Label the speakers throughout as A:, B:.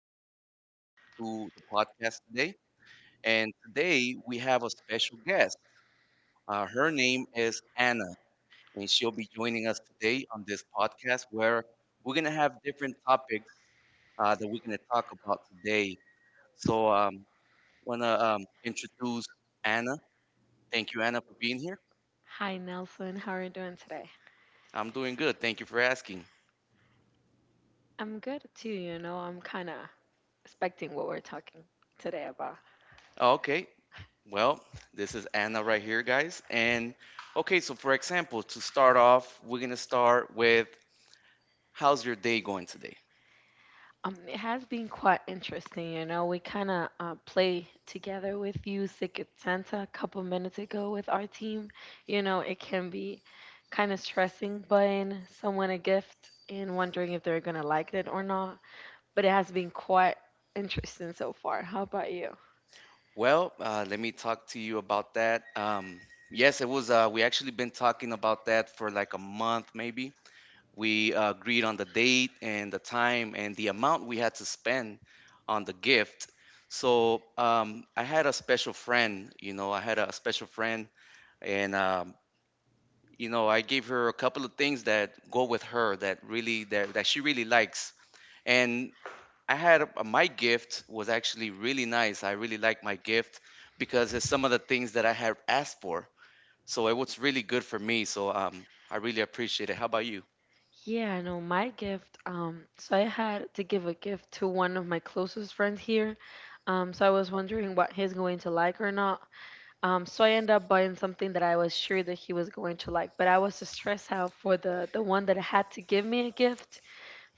A: for tuning in to the podcast today. And today we have a special guest. Her name is Anna, and she'll be joining us today on this podcast where we're going to have different topics that we're going to talk about today. So, want to introduce Anna. Thank you, Anna, for being here.
B: Hi, Nelson. How are you doing today?
A: I'm doing good. Thank you for asking.
B: I'm good too, you know. I'm kind of expecting what we're talking today about.
A: Okay, well, this is Anna right here, guys. And Okay, so for example, to start off, we're gonna start with: How's your day going today?
B: It has been quite interesting, you know. We kind of play together with you, Secret Santa, a couple minutes ago with our team. You know, it can be kind of stressing buying someone a gift and wondering if they're gonna like it or not. But it has been quite interesting so far. How about you?
A: Well, let me talk to you about that. Yes, it was. We actually been talking about that for like a month, maybe. We agreed on the date and the time and the amount we had to spend on the gift. So, I had a special friend. You know, I had a special friend, and I gave her a couple of things that go with her that she really likes. And I had a, My gift was actually really nice. I really liked my gift because it's some of the things that I had asked for. So it was really good for me. So, I really appreciate it. How about you?
B: Yeah, no, my gift. So I had to give a gift to one of my closest friends here. So I was wondering what he's going to like or not. So I ended up buying something that I was sure that he was going to like, but I was stressed out for the one that had to give me a gift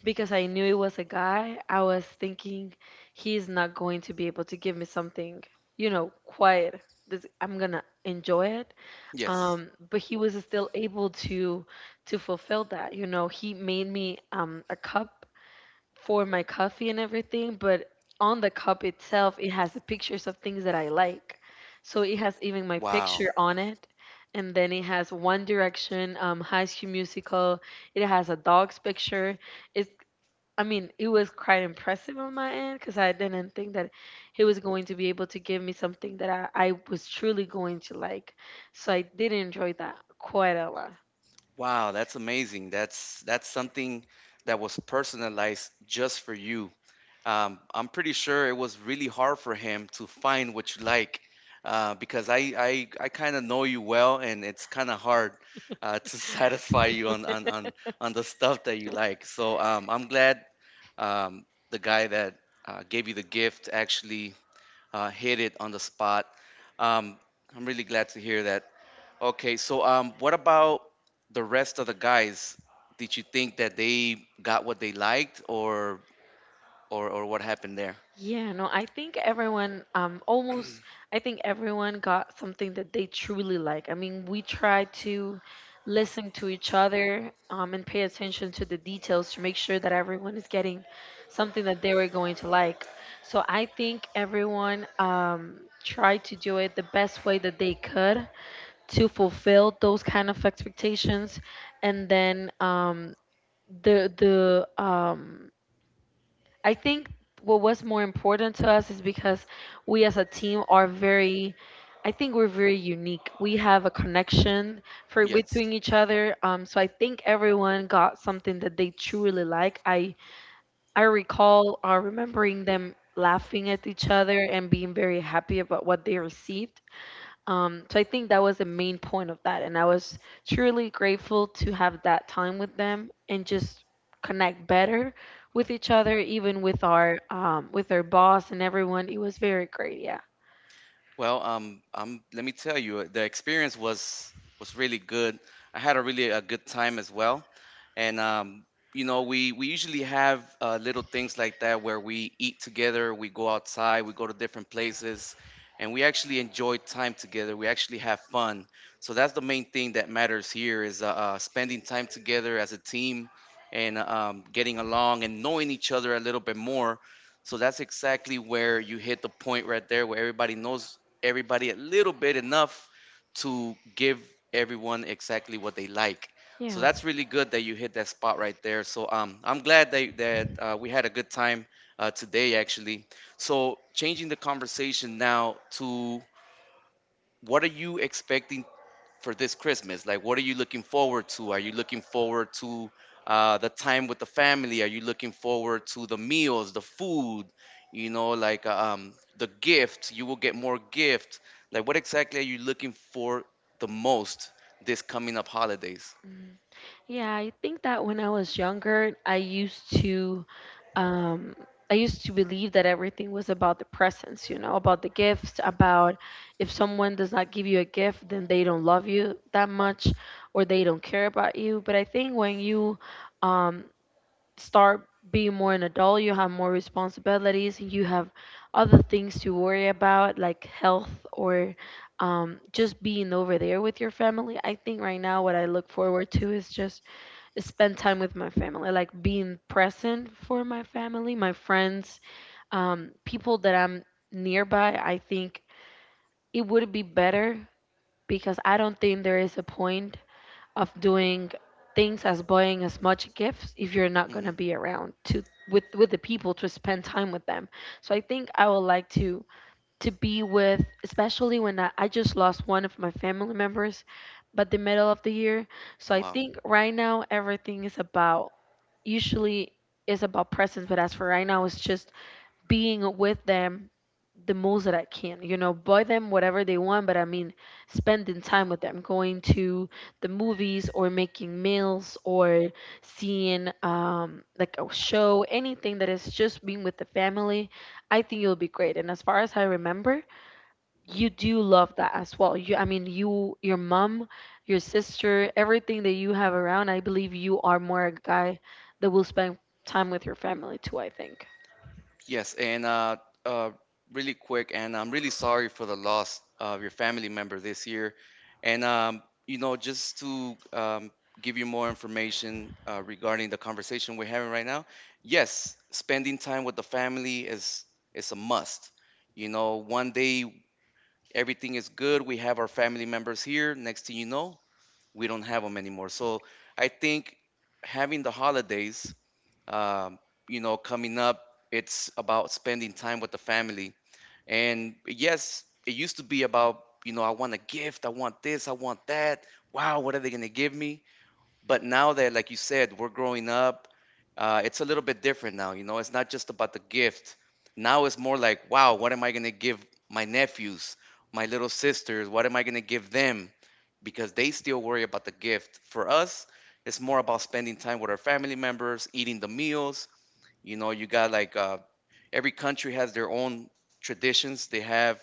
B: because I knew it was a guy. I was thinking he's not going to be able to give me something, you know, quiet. This, I'm gonna enjoy it.
A: Yes.
B: But he was still able to fulfill that. You know, he made me a cup for my coffee and everything, but on the cup itself, it has the pictures of things that I like. So it has even my
A: Wow.
B: picture on it. And then it has One Direction, High School Musical. It has a dog's picture. It's I mean, it was quite impressive on my end because I didn't think that he was going to be able to give me something that I was truly going to like. So I did enjoy that quite a lot.
A: Wow, that's amazing. That's something that was personalized just for you. I'm pretty sure it was really hard for him to find what you like because I kind of know you well, and it's kind of hard to satisfy you on the stuff that you like. So, I'm glad um, the guy that gave you the gift actually hit it on the spot. Um, I'm really glad to hear that. Okay, so, what about the rest of the guys? Did you think that they got what they liked, or what happened there?
B: Yeah, no, I think everyone, almost, I think everyone got something that they truly like. I mean, we try to listen to each other, and pay attention to the details to make sure that everyone is getting something that they were going to like. So I think everyone, tried to do it the best way that they could to fulfill those kind of expectations, and then, the I think what was more important to us is because we as a team are very I think we're very unique. We have a connection for
A: Yes.
B: between each other. So I think everyone got something that they truly like. I recall remembering them laughing at each other and being very happy about what they received. So I think that was the main point of that. And I was truly grateful to have that time with them and just connect better with each other, even with our boss and everyone. It was very great. Yeah.
A: Well, let me tell you, the experience was really good. I had a really a good time as well, and we usually have little things like that where we eat together, we go outside, we go to different places, and we actually enjoy time together. We actually have fun. So that's the main thing that matters here is spending time together as a team, and getting along and knowing each other a little bit more. So that's exactly where you hit the point right there, where everybody knows everybody a little bit enough to give everyone exactly what they like. So
B: Yeah.
A: that's really good that you hit that spot right there. So, I'm glad that we had a good time today, actually. So, changing the conversation now to what are you expecting for this Christmas? Like, what are you looking forward to? Are you looking forward to the time with the family? Are you looking forward to the meals, the food? You know, like the gift. You will get more gift. Like, what exactly are you looking for the most this coming up holidays?
B: Yeah, I think that when I was younger, um, I used to believe that everything was about the presents, you know, about the gifts, about if someone does not give you a gift, then they don't love you that much or they don't care about you. But I think when you um, start being more an adult, you have more responsibilities, you have other things to worry about, like health or just being over there with your family. I think right now, what I look forward to is just spend time with my family, like being present for my family, my friends, people that I'm nearby. I think it would be better because I don't think there is a point of doing things as buying as much gifts if you're not
A: Hmm.
B: gonna be around to with the people to spend time with them. So I think I would like to be with, especially when I just lost one of my family members, but the middle of the year. So I
A: Wow.
B: think right now everything is about, usually is about presents, but as for right now, it's just being with them the most that I can. You know, buy them whatever they want, but I mean, spending time with them, going to the movies or making meals or seeing like a show, anything that is just being with the family. I think it'll be great. And as far as I remember, you do love that as well. You, I mean, you, your mom, your sister, everything that you have around. I believe you are more a guy that will spend time with your family too, I think.
A: Yes, and uh, really quick, and I'm really sorry for the loss of your family member this year. And, you know, just to give you more information regarding the conversation we're having right now, yes, spending time with the family is a must. You know, one day everything is good. We have our family members here. Next thing you know, we don't have them anymore. So I think having the holidays um, coming up, it's about spending time with the family. And yes, it used to be about, you know, I want a gift, I want this, I want that. Wow, what are they going to give me? But now that, like you said, we're growing up, it's a little bit different now. You know, it's not just about the gift. Now it's more like, wow, what am I going to give my nephews, my little sisters? What am I going to give them? Because they still worry about the gift. For us, it's more about spending time with our family members, eating the meals. You know, you got like, every country has their own traditions. They have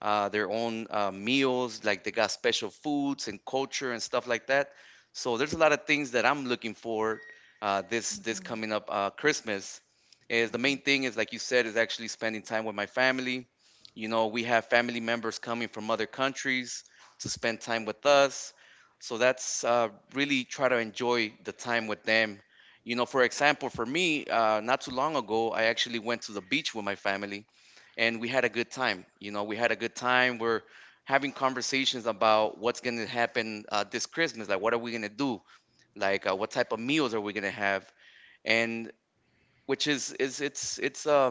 A: their own meals, like they got special foods and culture and stuff like that. So there's a lot of things that I'm looking for this coming up Christmas. Is the main thing is like you said is actually spending time with my family. You know, we have family members coming from other countries to spend time with us. So that's really try to enjoy the time with them. You know, for example, for me, not too long ago, I actually went to the beach with my family, and we had a good time. You know, we had a good time. We're having conversations about what's going to happen this Christmas. Like, what are we going to do? Like, what type of meals are we going to have? And which is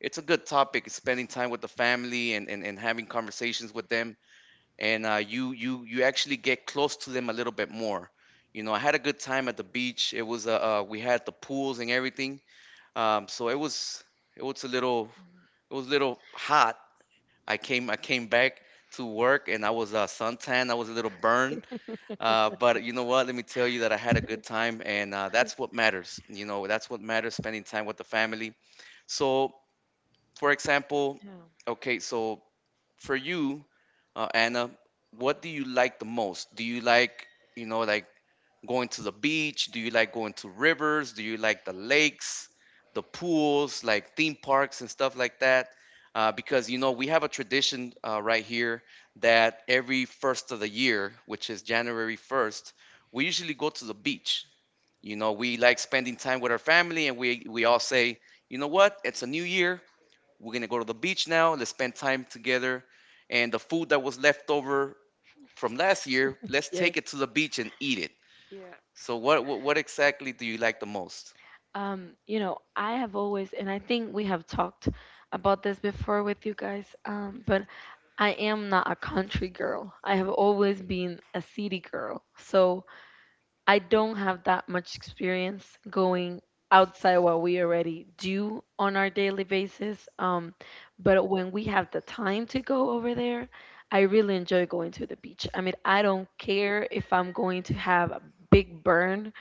A: it's a good topic, spending time with the family, and having conversations with them, and you actually get close to them a little bit more. You know, I had a good time at the beach. It was, we had the pools and everything. So it was, it was a little it was a little hot. I came back to work and I was, suntan. I was a little burned, but you know what? Let me tell you that I had a good time, and that's what matters. You know, that's what matters. Spending time with the family. So, for example,
B: Yeah.
A: okay, so for you, Anna, what do you like the most? Do you like, you know, like going to the beach? Do you like going to rivers? Do you like the lakes, the pools, like theme parks and stuff like that? Because you know, we have a tradition right here that every first of the year, which is January 1st, we usually go to the beach. You know, we like spending time with our family, and we all say, you know what? It's a new year. We're gonna go to the beach now. Let's spend time together. And the food that was left over from last year, let's take it to the beach and eat it. So what exactly do you like the most?
B: You know, I have always, and I think we have talked about this before with you guys, but I am not a country girl. I have always been a city girl. So I don't have that much experience going outside what we already do on our daily basis. But when we have the time to go over there, I really enjoy going to the beach. I mean, I don't care if I'm going to have a big burn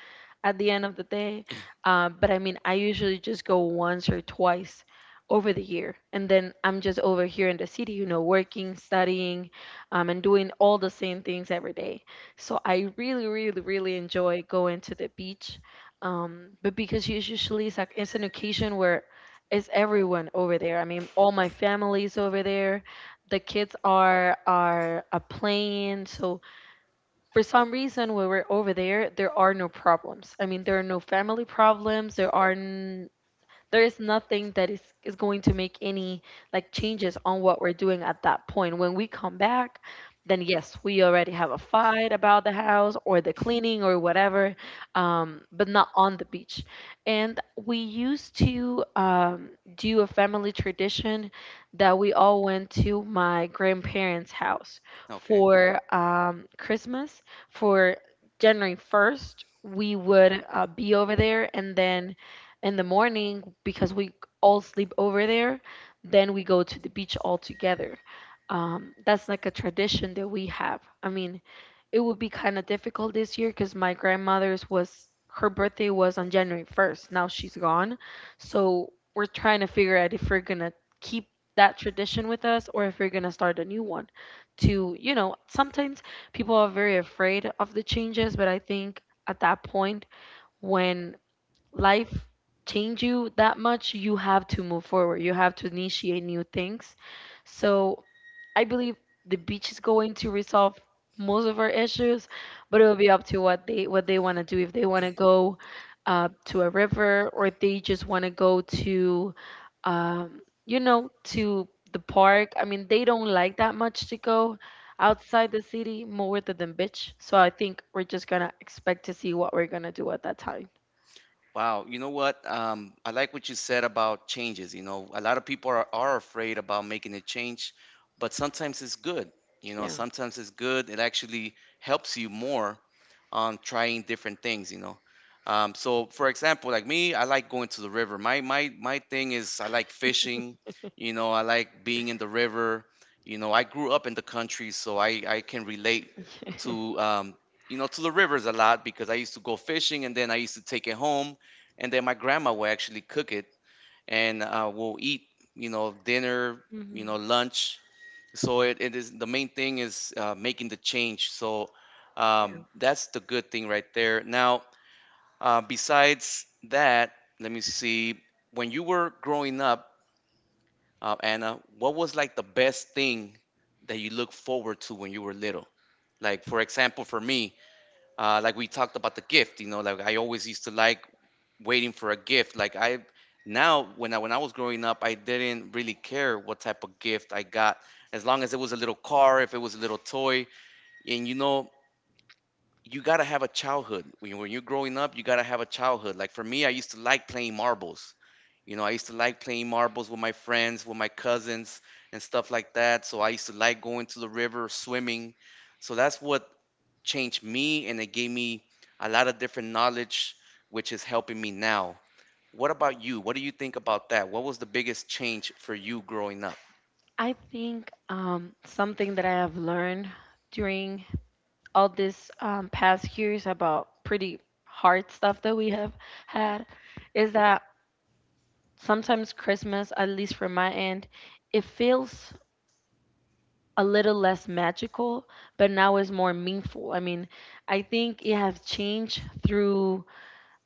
B: at the end of the day. But I mean, I usually just go once or twice over the year. And then I'm just over here in the city, you know, working, studying, and doing all the same things every day. So I really, really, really enjoy going to the beach. But because it's usually it's, like, it's an occasion where it's everyone over there. I mean, all my family's over there. The kids are playing, so for some reason when we're over there, there are no problems. I mean, there are no family problems. There is nothing that is going to make any like changes on what we're doing at that point. When we come back, then yes, we already have a fight about the house or the cleaning or whatever. But not on the beach. And we used to do a family tradition that we all went to my grandparents house
A: Okay.
B: for Christmas. For January 1st, we would be over there, and then in the morning, because we all sleep over there, then we go to the beach all together. That's like a tradition that we have. I mean, it would be kind of difficult this year because my grandmother's was her birthday was on January 1st. Now she's gone. So we're trying to figure out if we're gonna keep that tradition with us or if we're gonna start a new one. To, you know, sometimes people are very afraid of the changes, but I think at that point when life change you that much, you have to move forward. You have to initiate new things. So I believe the beach is going to resolve most of our issues, but it will be up to what they want to do. If they want to go to a river, or if they just want to go to, you know, to the park. I mean, they don't like that much to go outside the city more than the beach. So I think we're just gonna expect to see what we're gonna do at that time.
A: Wow, you know what? I like what you said about changes. You know, a lot of people are afraid about making a change, but sometimes it's good. You know,
B: Yeah.
A: sometimes it's good. It actually helps you more on trying different things. You know, so for example, like me, I like going to the river. My thing is I like fishing. You know, I like being in the river. You know, I grew up in the country, so I can relate to you know to the rivers a lot, because I used to go fishing, and then I used to take it home, and then my grandma will actually cook it, and we'll eat, dinner,
B: Mhm.
A: lunch. So it is, the main thing is making the change. That's the good thing right there. Now, besides that, let me see, when you were growing up, Anna, what was like the best thing that you look forward to when you were little? Like, for example, for me, like we talked about the gift, you know, like I always used to like waiting for a gift. Like I Now, when I was growing up, I didn't really care what type of gift I got, as long as it was a little car, if it was a little toy. And you know, you gotta have a childhood when you're growing up. You gotta have a childhood. Like for me, I used to like playing marbles. You know, I used to like playing marbles with my friends, with my cousins, and stuff like that. So I used to like going to the river, swimming. So that's what changed me, and it gave me a lot of different knowledge, which is helping me now. What about you? What do you think about that? What was the biggest change for you growing up?
B: I think something that I have learned during all this past years about pretty hard stuff that we have had is that sometimes Christmas, at least from my end, it feels a little less magical, but now it's more meaningful. I mean, I think it has changed through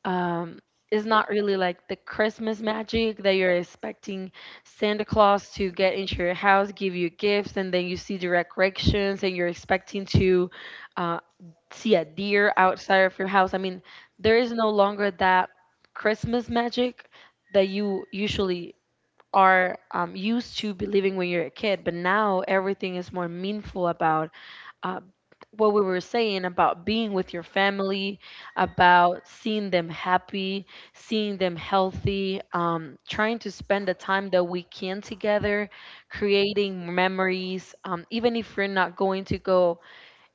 B: um, it's not really like the Christmas magic that you're expecting Santa Claus to get into your house, give you gifts, and then you see the decorations, and you're expecting to uh, see a deer outside of your house. I mean, there is no longer that Christmas magic that you usually are used to believing when you're a kid, but now everything is more meaningful about uh, what we were saying about being with your family, about seeing them happy, seeing them healthy, trying to spend the time that we can together, creating memories, even if we're not going to go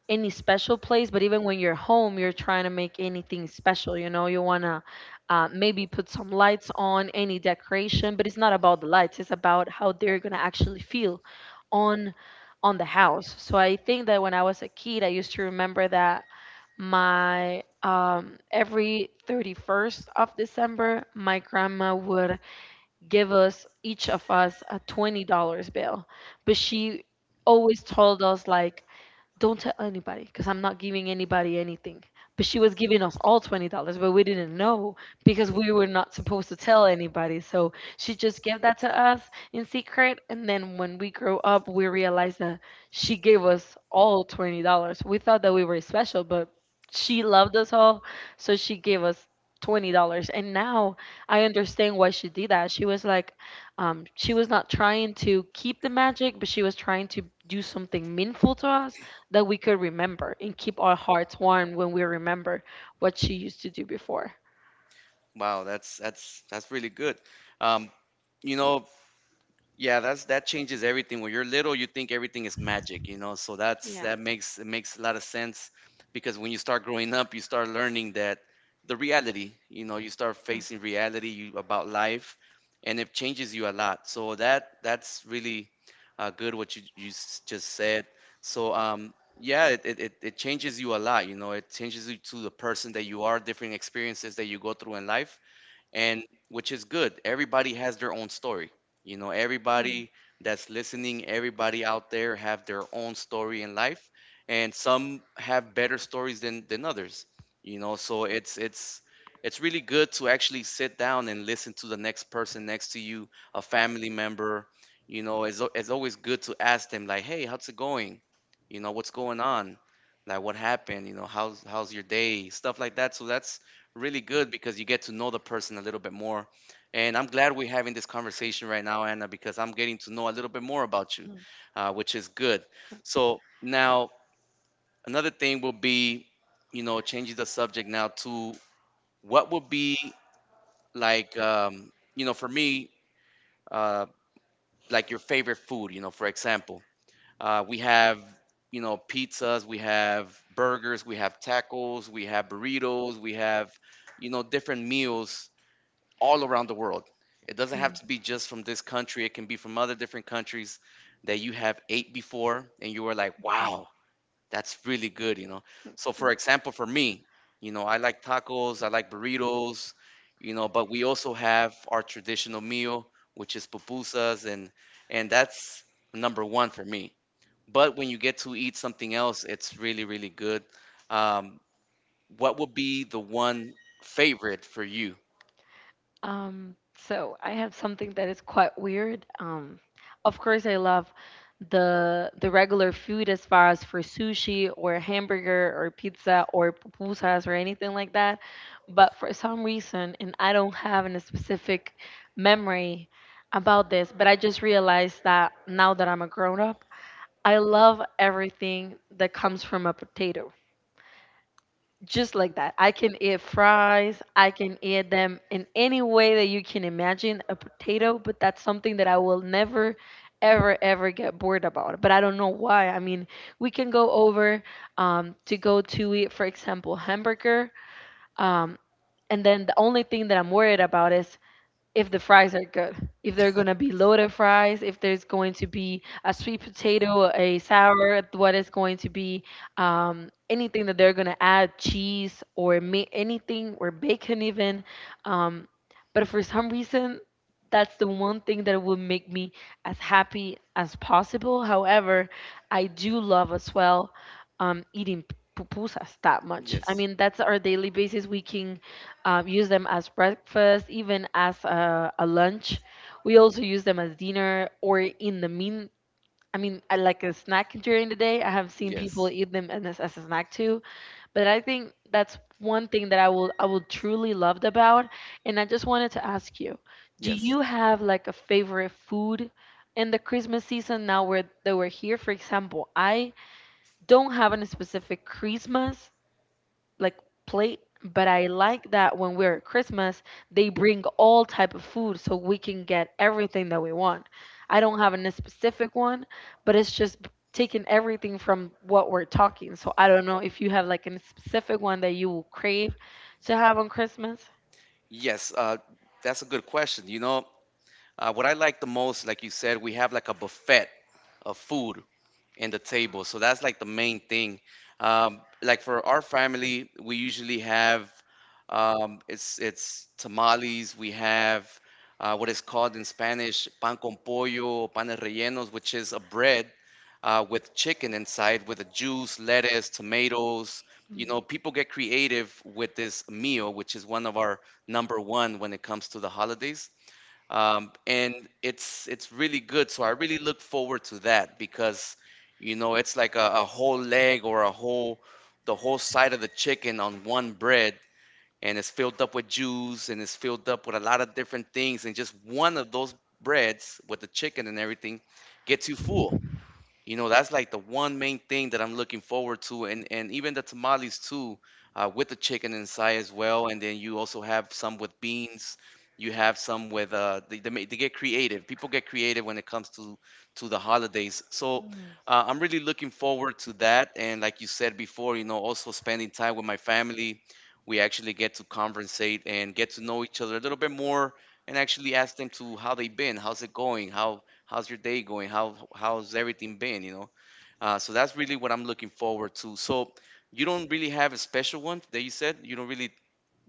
B: any special place, but even when you're home, you're trying to make anything special. You know, you want to maybe put some lights on, any decoration, but it's not about the lights. It's about how they're gonna actually feel on on the house. So I think that when I was a kid, I used to remember that my every 31st of December, my grandma would give us each of us a $20 bill, but she always told us like, don't tell anybody because I'm not giving anybody anything. But she was giving us all $20, but we didn't know because we were not supposed to tell anybody. So she just gave that to us in secret. And then when we grew up, we realized that she gave us all $20. We thought that we were special, but she loved us all. So she gave us $20. And now I understand why she did that. She was like, she was not trying to keep the magic, but she was trying to do something meaningful to us that we could remember and keep our hearts warm when we remember what she used to do before.
A: Wow, that's really good. Um, you know, Yeah, that changes everything. When you're little, you think everything is magic. So that's
B: Yeah.
A: that makes a lot of sense because when you start growing up, you start learning that the reality, you know, you start facing reality about life, and it changes you a lot. So that's really good what you just said. So um, yeah, it changes you a lot. You know, it changes you to the person that you are, different experiences that you go through in life and which is good. Everybody has their own story. You know,
B: Mhm.
A: everybody that's listening, everybody out there have their own story in life, and some have better stories than others. You know, so it's it's really good to actually sit down and listen to the next person next to you, a family member. It's it's always good to ask them like, "Hey, how's it going? You know, what's going on? Like, what happened? You know, how's your day? Stuff like that." So that's really good because you get to know the person a little bit more. And I'm glad we're having this conversation right now, Anna, because I'm getting to know a little bit more about you, which is good. So now another thing will be, you know, changing the subject now to what would be like, um, you know, for me, uh, like your favorite food. You know, for example, we have. You know, pizzas, we have burgers, we have tacos, we have burritos, we have, you know, different meals all around the world. It doesn't have to be just from this country, it can be from other different countries that you have ate before and you were like,
B: Mhm.
A: wow, that's really good, you know. So, for example, for me, you know, I like tacos, I like burritos, you know, but we also have our traditional meal, which is pupusas, and that's number one for me. But when you get to eat something else, it's really, really good. Um, what would be the one favorite for you?
B: So I have something that is quite weird. Of course, I love the regular food as far as for sushi or hamburger or pizza or pupusas or anything like that. But for some reason, and I don't have any specific memory about this, but I just realized that now that I'm a grown up, I love everything that comes from a potato just like that. I can eat fries. I can eat them in any way that you can imagine a potato, but that's something that I will never, ever, ever get bored about. But I don't know why. I mean, we can go over to go to eat, for example, hamburger. Um, and then the only thing that I'm worried about is if the fries are good, if they're gonna be loaded fries, if there's going to be a sweet potato, a sour, what is going to be, anything that they're gonna add, cheese or anything or bacon even. Um, but for some reason, that's the one thing that will make me as happy as possible. However, I do love as well eating pupusas that much. I
A: Yes.
B: mean, that's our daily basis. We can use them as breakfast, even as a lunch. We also use them as dinner or in the mean. I mean, I like a snack during the day. I have seen people
A: Yes.
B: eat them and as a snack too. But I think that's one thing that I will truly loved about. And I just wanted to ask you, do
A: Yes.
B: you have like a favorite food in the Christmas season now where that we're here? For example, I don't have a specific Christmas like plate, but I like that when we're at Christmas they bring all type of food so we can get everything that we want. I don't have a specific one, but it's just taking everything from what we're talking. So I don't know if you have like a specific one that you will crave to have on Christmas.
A: Yes, that's a good question. What I like the most, like you said, we have like a buffet of food in the table. So that's like the main thing. Like for our family, we usually have it's tamales. We have what is called in Spanish pan con pollo, panes rellenos, which is a bread with chicken inside, with a juice, lettuce, tomatoes. You know, people get creative with this meal, which is one of our number one when it comes to the holidays and it's really good. So I really look forward to that because you know it's like a whole leg or a whole the whole side of the chicken on one bread, and it's filled up with juice and it's filled up with a lot of different things, and just one of those breads with the chicken and everything gets you full. You know, that's like the one main thing that I'm looking forward to. And even the tamales too, with the chicken inside as well, and then you also have some with beans. You have some with they get creative. People get creative when it comes to the holidays, so
B: Mm.
A: I'm really looking forward to that. And like you said before, you know, also spending time with my family, we actually get to conversate and get to know each other a little bit more, and actually ask them to how they've been, how's it going, how's your day going? How's everything been? You know, so that's really what I'm looking forward to. So you don't really have a special one that you said. You don't really.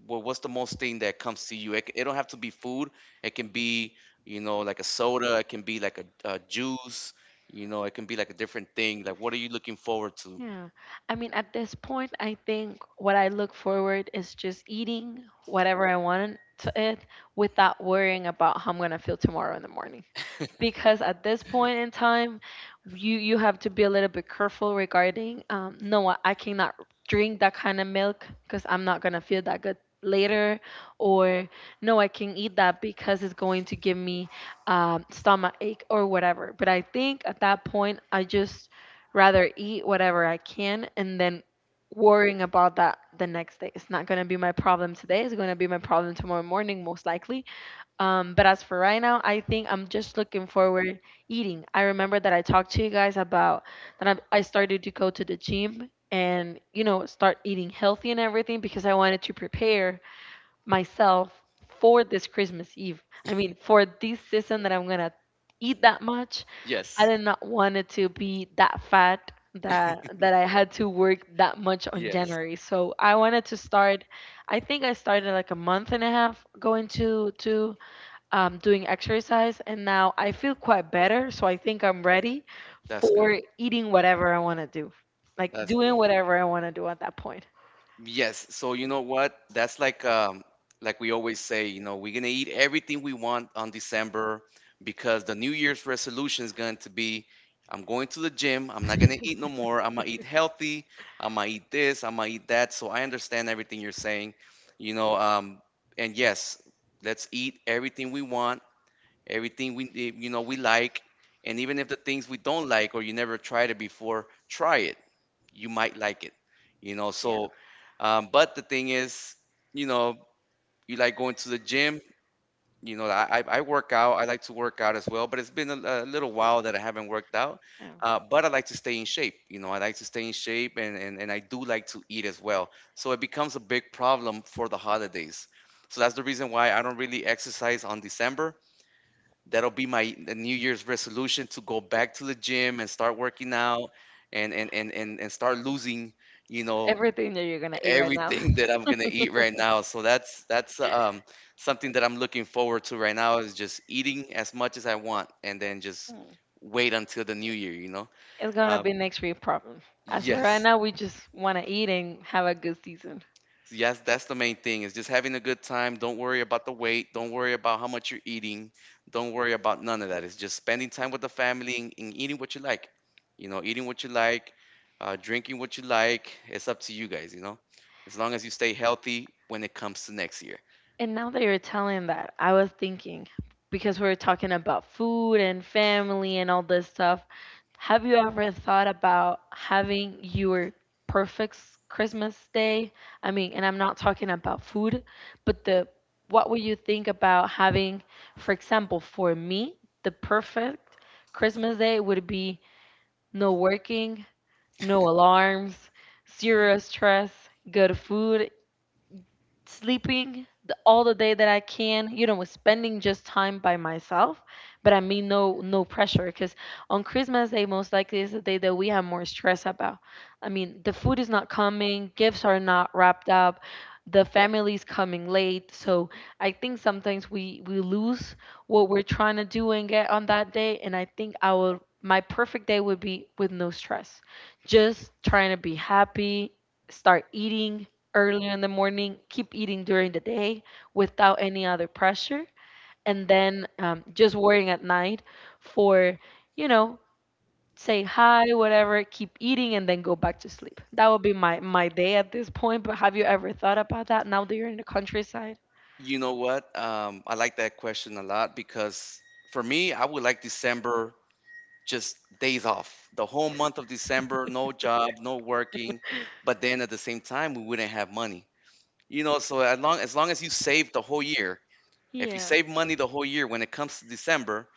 A: Well, what's the most thing that comes to you? It don't have to be food. It can be, you know, like a soda. It can be like a juice. You know, it can be like a different thing. Like what are you looking forward to?
B: Yeah. I mean, at this point, I think what I look forward is just eating whatever I want to eat without worrying about how I'm going to feel tomorrow in the morning, because at this point in time you have to be a little bit careful regarding no, I cannot drink that kind of milk because I'm not going to feel that good later, or no, I can eat that because it's going to give me stomach ache or whatever. But I think at that point, I just rather eat whatever I can and then worrying about that the next day. It's not going to be my problem today, it's going to be my problem tomorrow morning most likely. Um, but as for right now, I think I'm just looking forward eating. I remember that I talked to you guys about that I started to go to the gym, and you know, start eating healthy and everything, because I wanted to prepare myself for this Christmas Eve. I mean, for this season that I'm gonna eat that much. I
A: Yes.
B: did not want it to be that fat that I had to work that much on
A: Yes.
B: January. So I wanted to start. I think I started like a month and a half going to doing exercise, and now I feel quite better. So I think I'm ready
A: That's good.
B: for eating whatever I want to do, like
A: That's
B: doing
A: good.
B: whatever I want to do at that point.
A: Yes. So you know what? That's like we always say, you know, we're gonna eat everything we want on December because the New Year's resolution is going to be I'm going to the gym, I'm not gonna eat no more, I'm gonna eat healthy, I'm gonna eat this, I'm gonna eat that. So I understand everything you're saying, you know, um and yes, let's eat everything we want, everything you know we like, and even if the things we don't like or you never tried it before, try it, you might like it, you know,
B: Yeah.
A: so but the thing is, you know, you like going to the gym. You know, I work out, I like to work out as well, but it's been a little while that I haven't worked out.
B: Yeah.
A: But I like to stay in shape, you know, I like to stay in shape, and I do like to eat as well, so it becomes a big problem for the holidays. So that's the reason why I don't really exercise on December. That'll be my new year's resolution, to go back to the gym and start working out and start losing, you know,
B: Everything that you're gonna eat right now
A: everything that I'm gonna eat right now. So that's something that I'm looking forward to right now is just eating as much as I want and then just
B: Mm.
A: wait until the new year, you know.
B: is gonna
A: um
B: be next week problem. As for right
A: yes.
B: now, we just want to eat and have a good season.
A: Yes, that's the main thing. Is just having a good time. Don't worry about the weight. Don't worry about how much you're eating. Don't worry about none of that. It's just spending time with the family and eating what you like. You know, eating what you like, drinking what you like. It's up to you guys. You know, as long as you stay healthy when it comes to next year.
B: And now that you're telling that, I was thinking, because we were talking about food and family and all this stuff. Have you ever thought about having your perfect Christmas day? I mean, and I'm not talking about food, but the what would you think about having, for example, for me, the perfect Christmas day would be no working, no alarms, zero stress, good food, sleeping the, all the day that I can, you know, with spending just time by myself. But I mean, no, no pressure, because on Christmas Day, most likely is the day that we have more stress about. I mean, the food is not coming, gifts are not wrapped up, the family's coming late. So I think sometimes we lose what we're trying to do and get on that day. And I think I will. My perfect day would be with no stress, just trying to be happy, start eating early in the morning, keep eating during the day without any other pressure, and then just worrying at night for, you know, say hi, whatever, keep eating, and then go back to sleep. That would be my my day at this point. But have you ever thought about that now that you're in the countryside?
A: You know what? I like that question a lot because for me, I would like December just days off. The whole month of December, no job, no working. But then at the same time, we wouldn't have money. You know, so as long as long as you save the whole year, if you
B: Yeah.
A: save money the whole year, when it comes to December,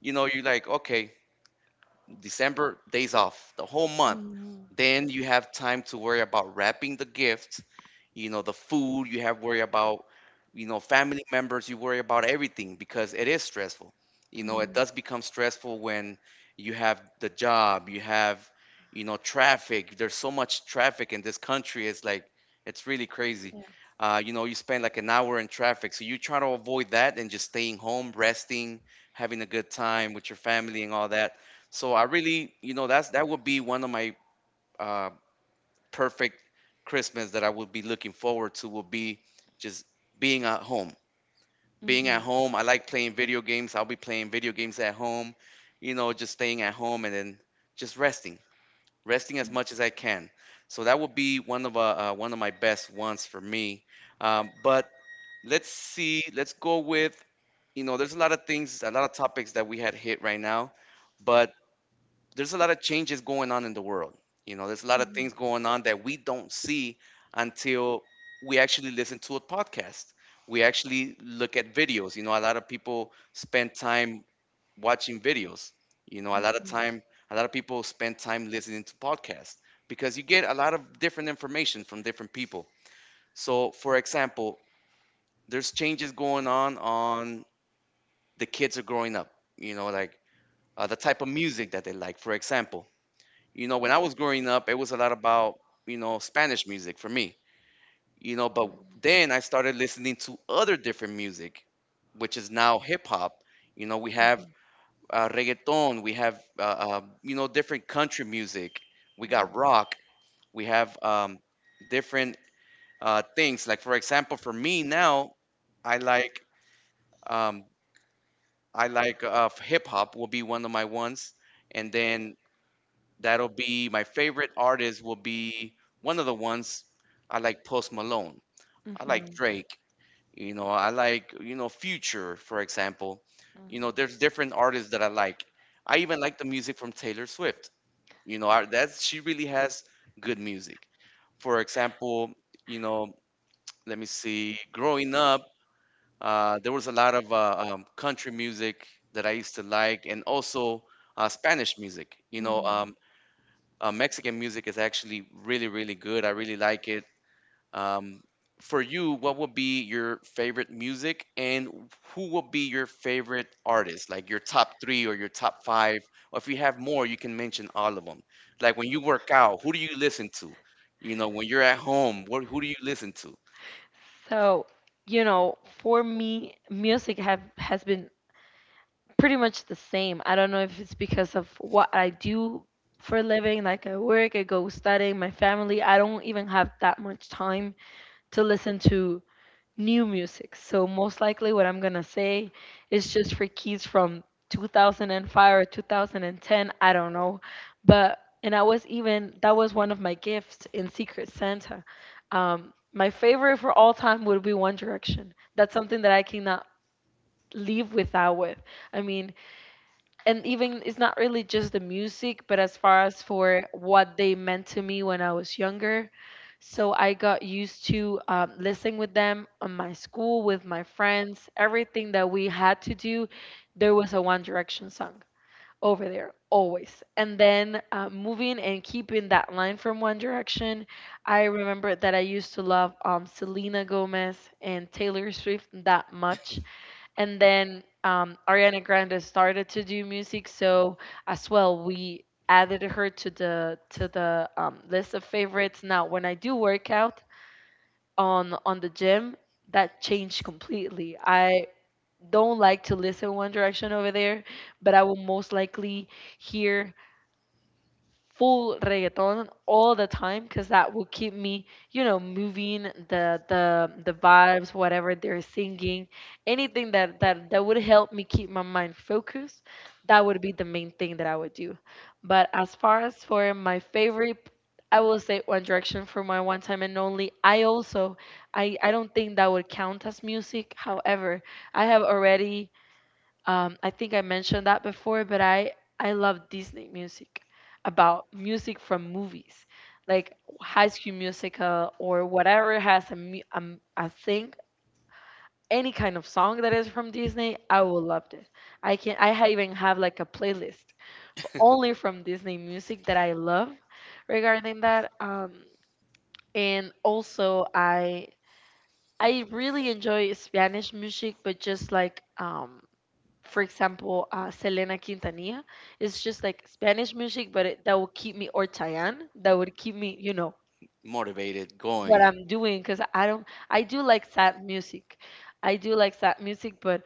A: you know, you're like, okay, December days off, the whole month.
B: Mm.
A: Then you have time to worry about wrapping the gift, you know, the food you have worry about, you know, family members, you worry about everything because it is stressful. You know, it
B: Mm.
A: does become stressful when you have the job you have, you know, traffic. There's so much traffic in this country, it's like it's really crazy.
B: Yeah.
A: You know, you spend like an hour in traffic, so you try to avoid that and just staying home resting, having a good time with your family and all that. So I really, you know, that's that would be one of my uh, perfect Christmas that I would be looking forward to, will be just being at home. Being
B: Mhm.
A: at home, I like playing video games. I'll be playing video games at home, you know, just staying at home and then just resting, resting as much as I can. So that would be one of my best ones for me. But let's see, let's go with, you know, there's a lot of things, a lot of topics that we had hit right now, but there's a lot of changes going on in the world. You know, there's a lot of
B: Mhm.
A: things going on that we don't
B: Mhm.
A: see until we actually listen to a podcast. We actually look at videos. You know, a lot of people spend time watching videos. You know, a lot of
B: Mhm.
A: time, a lot of people spend time listening to podcasts because you get a lot of different information from different people. So, for example, there's changes going on the kids are growing up. You know, like the type of music that they like. For example, you know, when I was growing up, it was a lot about, you know, Spanish music for me. You know, but then I started listening to other different music, which is now hip hop. You know, we have reggaeton, we have, you know, different country music, we got
B: Mhm.
A: rock, we have different things. Like, for example, for me now, I like, um, I like hip hop will be one of my ones. And then that'll be my favorite artist will be one of the ones I like Post Malone. I like
B: Mhm.
A: Drake. You know, I like, you know, Future, for example. You know, there's different artists that I like. I even like the music from Taylor Swift. You know, that's she really has good music. For example, you know, let me see. Growing up, there was a lot of country music that I used to like, and also Spanish music.
B: Mm.
A: Mexican music is actually really, really good. I really like it. Um, for you, what would be your favorite music, and who would be your favorite artist? Like your top three or your top five, or if you have more, you can mention all of them. Like when you work out, who do you listen to? You know, when you're at home, what who do you listen to?
B: So, you know, for me, music have has been pretty much the same. I don't know if it's because of what I do for a living, like I work, I go studying, my family. I don't even have that much time to listen to new music. So most likely what I'm gonna say is just for kids from 2005 or 2010. I don't know, but and I was even that was one of my gifts in Secret Santa. My favorite for all time would be One Direction. That's something that I cannot leave without with. I mean, and even it's not really just the music, but as far as for what they meant to me when I was younger. So I got used to listening with them on my school, with my friends, everything that we had to do. There was a One Direction song over there always. And then moving and keeping that line from One Direction, I remember that I used to love Selena Gomez and Taylor Swift that much, and then Ariana Grande started to do music. So as well, we added her to the list of favorites. Now, when I do workout on the gym, that changed completely. I don't like to listen One Direction over there, but I will most likely hear full reggaeton all the time, because that will keep me, you know, moving the vibes, whatever they're singing, anything that that would help me keep my mind focused. That would be the main thing that I would do. But as far as for my favorite, I will say One Direction for my one time and only. I also I don't think that would count as music. However, I have already I think I mentioned that before, but I love Disney music, about music from movies, like High School Musical or whatever has a a thing, any kind of song that is from Disney, I will love it. I can even have like a playlist for only from Disney music that I love regarding that. And also I really enjoy Spanish music, but just like for example, Selena Quintanilla. It's just like Spanish music, but it, that would keep me, or Chayanne, that would keep me, you know,
A: Motivated,
B: what
A: going.
B: I'm doing. Because I don't, I do like sad music. I do like sad music, but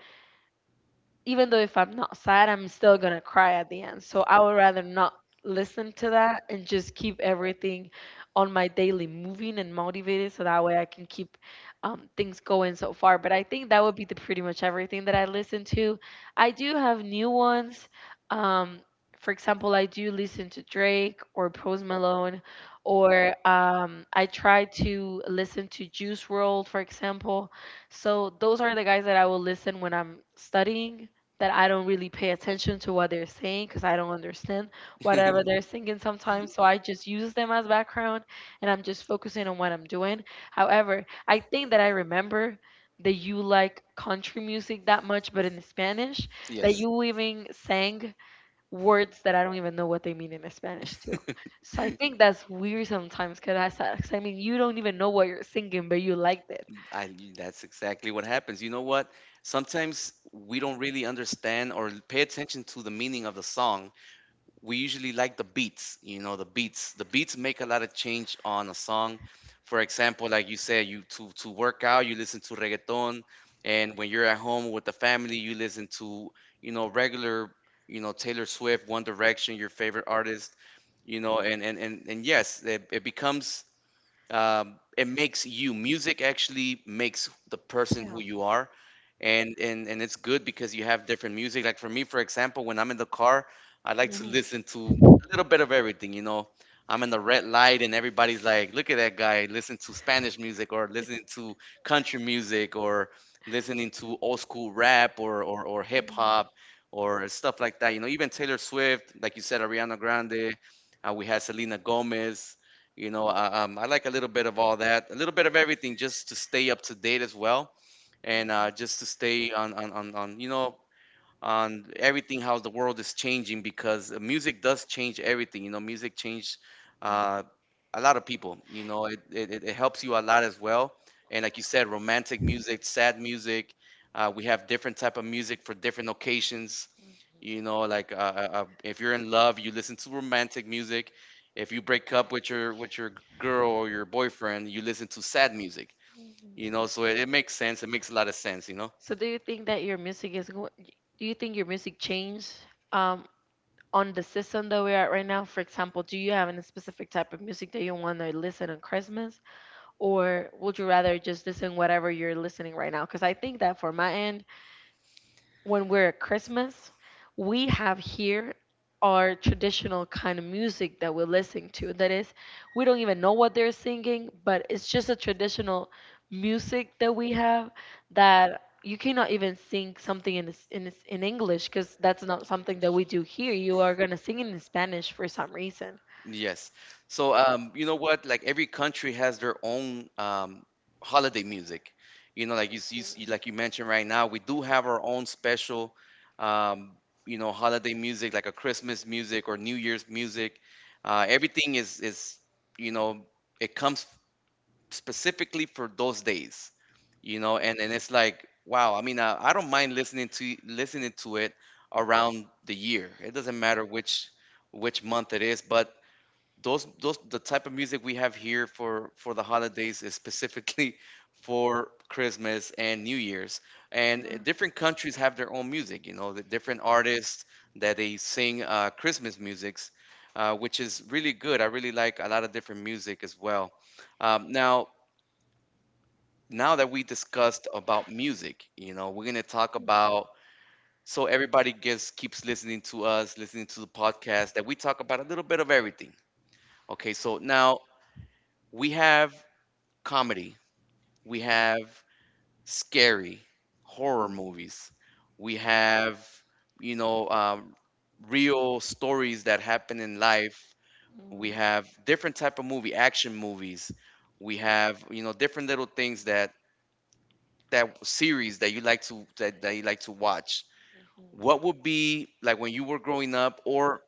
B: even though if I'm not sad, I'm still gonna cry at the end. So I would rather not listen to that and just keep everything on my daily moving and motivated so that way I can keep things going so far. But I think that would be the pretty much everything that I listen to. I do have new ones. Um, for example, I do listen to Drake or Post Malone, or I try to listen to Juice World, for example. So those are the guys that I will listen when I'm studying, that I don't really pay attention to what they're saying because I don't understand whatever they're singing sometimes. So I just use them as background and I'm just focusing on what I'm doing. However, I think that I remember that you like country music that much, but in Spanish, that
A: Yes.
B: you even sang words that I don't even know what they mean in Spanish too. So I think that's weird sometimes because I, sa- 'cause I mean, you don't even know what you're singing, but you liked it.
A: I, that's exactly what happens. You know what? Sometimes we don't really understand or pay attention to the meaning of the song. We usually like the beats, you know, the beats. The beats make a lot of change on a song. For example, like you said, you to work out, you listen to reggaeton, and when you're at home with the family, you listen to, you know, regular, you know, Taylor Swift, One Direction, your favorite artist, you know, and yes, it becomes it makes you music actually makes the person
B: Yeah.
A: who you are and it's good because you have different music. Like for me, for example, when I'm in the car, I like to
B: Mhm.
A: listen to a little bit of everything, you know. I'm in the red light and everybody's like, look at that guy listen to Spanish music, or listening to country music, or listening to old school rap or or hip
B: Mm,
A: hop or stuff like that, you know. Even Taylor Swift, like you said, Ariana Grande, we had Selena Gomez, you know, I like a little bit of all that, a little bit of everything, just to stay up to date as well, and just to stay you know, on everything how the world is changing, because music does change everything. You know, music changed
B: mm,
A: uh, a lot of people. You know, it, it helps you a lot as well. And like you said, romantic music, sad music, we have different type of music for different occasions. You know, like if you're in love, you listen to romantic music. If you break up with your girl or your boyfriend, you listen to sad music.
B: mm,
A: You know,
B: mm.
A: so it makes sense. It makes a lot of sense, you know.
B: So do you think that your music do you think your music changed um on the system that we're at right now? For example, do you have any specific type of music that you want to listen on Christmas, or would you rather just listen whatever you're listening right now? Because I think that for my end, when we're at Christmas, we have here our traditional kind of music that we're listening to. That is, we don't even know what they're singing, but it's just a traditional music that we have that you cannot even sing something in English because that's not something that we do here. You are gonna sing it in Spanish for some reason.
A: Yes. So, you know what? Like every country has their own holiday music. You know, like you like you mentioned right now, we do have our own special, um, you know, holiday music, like a Christmas music or New Year's music. Everything is, you know, it comes specifically for those days. You know, and it's like, wow. I mean, I don't mind listening to it around the year. It doesn't matter which month it is, but those the type of music we have here for the holidays is specifically for Christmas and New Year's. And different countries have their own music, you know, the different artists that they sing Christmas musics, which is really good. I really like a lot of different music as well. Um, now, now that we discussed about music, you know, we're gonna talk about so everybody gets keeps listening to us, listening to the podcast that we talk about a little bit of everything. Okay, so now we have comedy, we have scary horror movies, we have, you know, real stories that happen in life. We
B: Mhm.
A: have different type of movie, action movies. We have, you know, different little things that that series that you like to that, that you like to watch.
B: Mhm.
A: What would be like when you were growing up or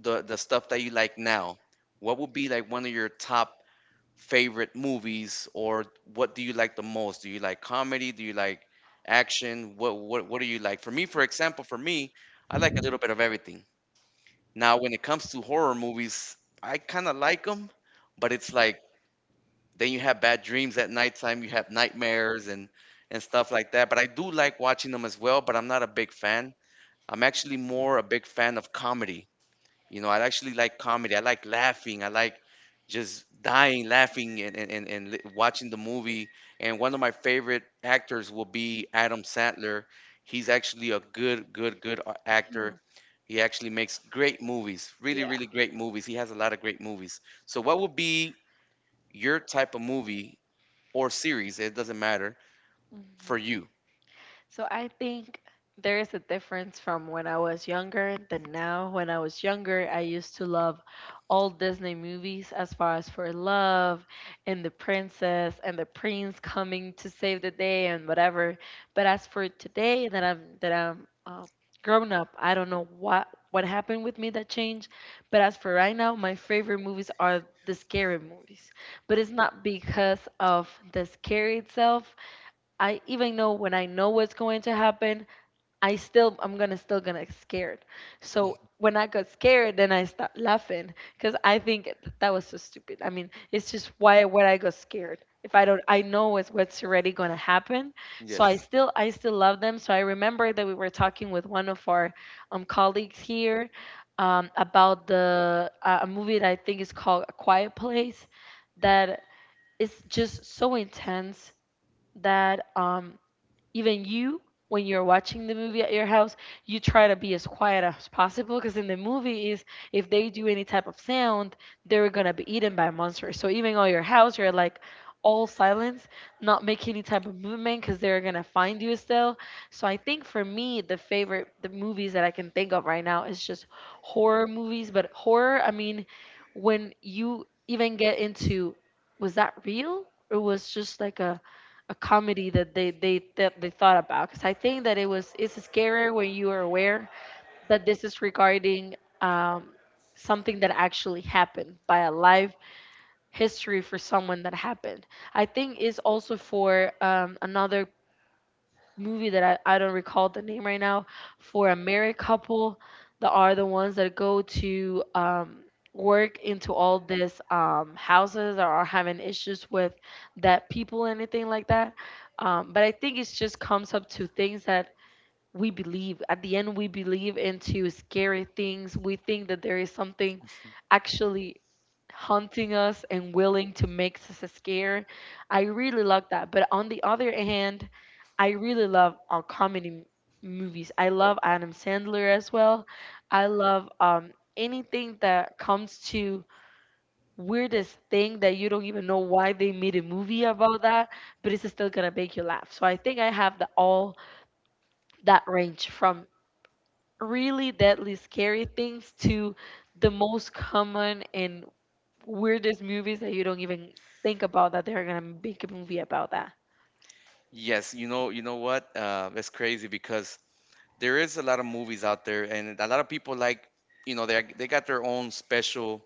A: the stuff that you like now? What would be like one of your top favorite movies or what do you like the most? Do you like comedy? Do you like action? What do you like? For me, for example, for me, I like a little bit of everything. Now, when it comes to horror movies, I kind of like them, but it's like then you have bad dreams at nighttime, you have nightmares and stuff like that. But I do like watching them as well, but I'm not a big fan. I'm actually more a big fan of comedy. You know, I actually like comedy. I like laughing. I like just dying laughing and, watching the movie. And one of my favorite actors will be Adam Sandler. He's actually a good, good, good actor. He actually makes great movies, really, really great movies. He has a lot of great movies. So, what would be your type of movie or series? It doesn't matter
B: Mhm.
A: for you.
B: So I think there is a difference from when I was younger than now. When I was younger, I used to love all Disney movies as far as for love and the princess and the prince coming to save the day and whatever. But as for today that I'm grown up, I don't know what happened with me that changed. But as for right now, my favorite movies are the scary movies. But it's not because of the scare itself. I even know when I know what's going to happen, I'm gonna get scared. So when I got scared, then I stopped laughing because I think that was so stupid. I mean, it's just why when I got scared if I don't I know it's what's already gonna happen. So
A: Yes.
B: I still love them. So I remember that we were talking with one of our colleagues here about the a movie that I think is called A Quiet Place that is just so intense that even you, when you're watching the movie at your house, you try to be as quiet as possible because in the movie is, if they do any type of sound, they're gonna be eaten by monsters. So even on your house you're like all silence, not make any type of movement because they're gonna find you still. So I think for me the movies that I can think of right now is just horror movies. But horror, I mean, when you even get into, was that real or was just like a comedy that they thought about? Because I think that it's scarier when you are aware that this is regarding um, something that actually happened by a live history for someone that happened. I think is also for another movie that I don't recall the name right now, for a married couple that are the ones that go to work into all this houses that are having issues with that people and anything like that. But I think it just comes up to things that we believe at the end we believe into scary things. We think that there is something actually haunting us and willing to make us scared. I really love that, but on the other hand I really love movies. I love Adam Sandler as well. I love anything that comes to weirdest thing that you don't even know why they made a movie about that, but it's still gonna make you laugh. So I think I have the all that range from really deadly scary things to the most common and weirdest movies that you don't even think about that they're gonna make a movie about that.
A: Yes, you know what? That's crazy because there is a lot of movies out there, and a lot of people like, you know, they got their own special.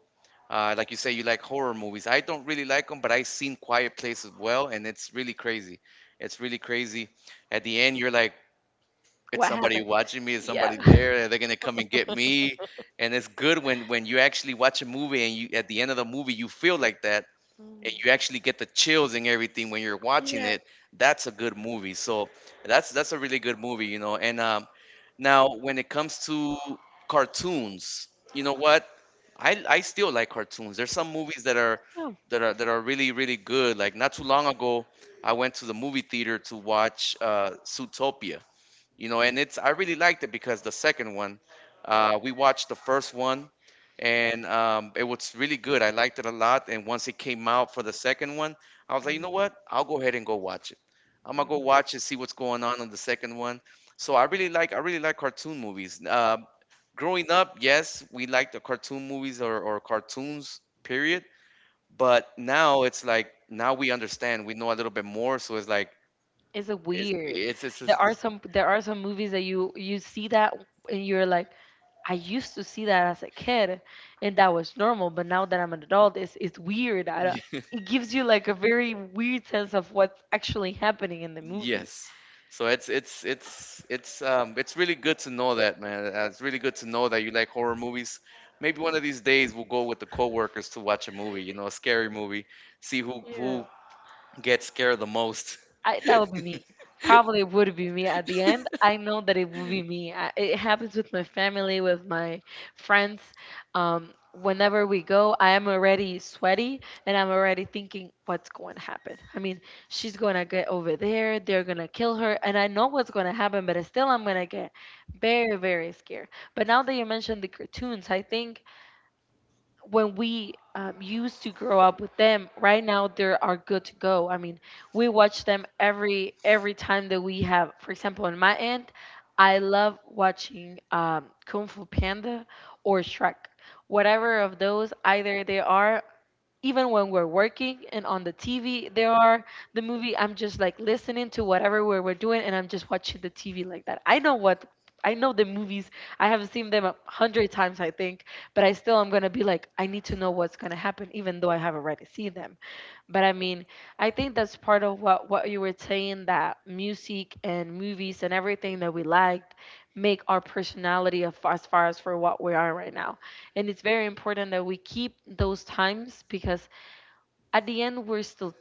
A: Like you say, you like horror movies. I don't really like them, but I've seen Quiet Place as well, and it's really crazy. It's really crazy. At the end, you're like, it's
B: What
A: somebody
B: happened?
A: watching me. Is
B: Yeah.
A: somebody there? Are they gonna come and get me? And it's good when you actually watch a movie and you at the end of the movie you feel like that,
B: Mm.
A: and you actually get the chills and everything when you're watching
B: Yeah.
A: it. That's a good movie. So that's a really good movie, you know. And now when it comes to cartoons, you know what, I still like cartoons. There's some movies that are
B: Yeah. Mm.
A: that are that are really really good. Like not too long ago I went to the movie theater to watch Zootopia, you know, and it's I really liked it because the second one, we watched the first one, and it was really good. I liked it a lot, and once it came out for the second one, I was like, you know what, I'll go ahead and go watch it. I'm gonna go
B: Mm.
A: watch it, see what's going on the second one. So I really like I really like cartoon movies. Growing up, yes, we liked the cartoon movies, or, cartoons period. But now it's like now we understand, we know a little bit more, so it's like
B: It's a
A: it's
B: weird.
A: it's, it's,
B: There are
A: it's
B: some movies that you see that, and you're like, I used to see that as a kid, and that was normal. But now that I'm an adult, it's weird. I don't,
A: it's
B: it gives you like a very weird sense of what's actually happening in the movie.
A: Yes. So it's really good to know that, man. It's really good to know that you like horror movies. Maybe one of these days we'll go with the coworkers to watch a movie, you know, a scary movie, see who gets scared the most.
B: I, that would be me. Probably would be me at the end. I know that it would be me. I, it happens with my family, with my friends. Whenever we go, I am already sweaty and I'm already thinking what's going to happen. I mean, she's going to get over there. They're going to kill her, and I know what's going to happen. But still, I'm going to get very, very scared. But now that you mentioned the cartoons, I think when we used to grow up with them, right now they are good to go. I mean, we watch them every time that we have. For example, on my end, I love watching Kung Fu Panda or Shrek, whatever of those, either they are. Even when we're working and on the TV, there are the movie, I'm just like listening to whatever we're doing, and I'm just watching the TV like that. I know what, I know the movies. I have seen them a hundred times, I think, but I still am gonna be like, I need to know what's gonna happen, even though I have already seen them. But I mean, I think that's part of what you were saying, that music and movies and everything that we liked make our personality of, as far as for what we are right now. And it's very important that we keep those times because at the end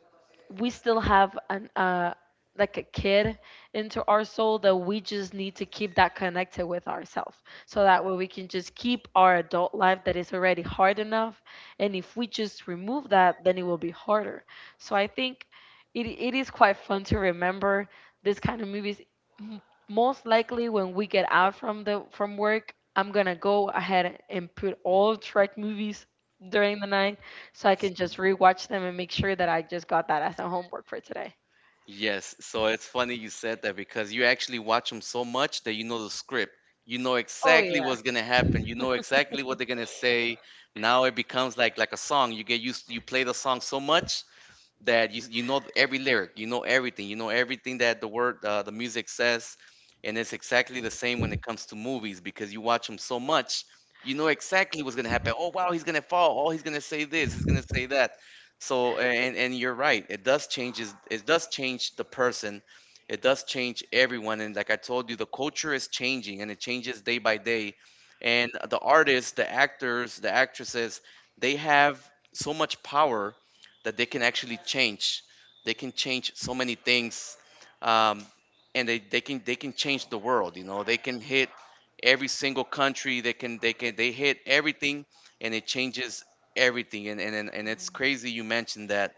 B: we still have an like a kid into our soul, that we just need to keep that connected with ourselves, so that way we can just keep our adult life that is already hard enough. And if we just remove that, then it will be harder. So I think it is quite fun to remember this kind of movies. M- Most likely when we get out from the from work, I'm gonna go ahead and put all track movies during the night, so I can just rewatch them and make sure that I just got that as a homework for today.
A: Yes. So it's funny you said that because you actually watch them so much that you know the script. You know
B: Oh
A: exactly
B: yeah.
A: what's gonna happen. You know exactly what they're gonna say. Now it becomes like a song. You get used you play the song so much that you know every lyric, you know everything that the music says, and it's exactly the same when it comes to movies because you watch them so much, you know exactly what's gonna happen. Oh wow, he's gonna fall. Oh, he's gonna say this. He's gonna say that. So and you're right. It does changes. It does change the person. It does change everyone. And like I told you, the culture is changing and it changes day by day. And the artists, the actors, the actresses, they have so much power that they can actually change. They can change so many things, um, and they can change the world. You know, they can hit every single country. They hit everything, and it changes everything. And it's crazy you mentioned that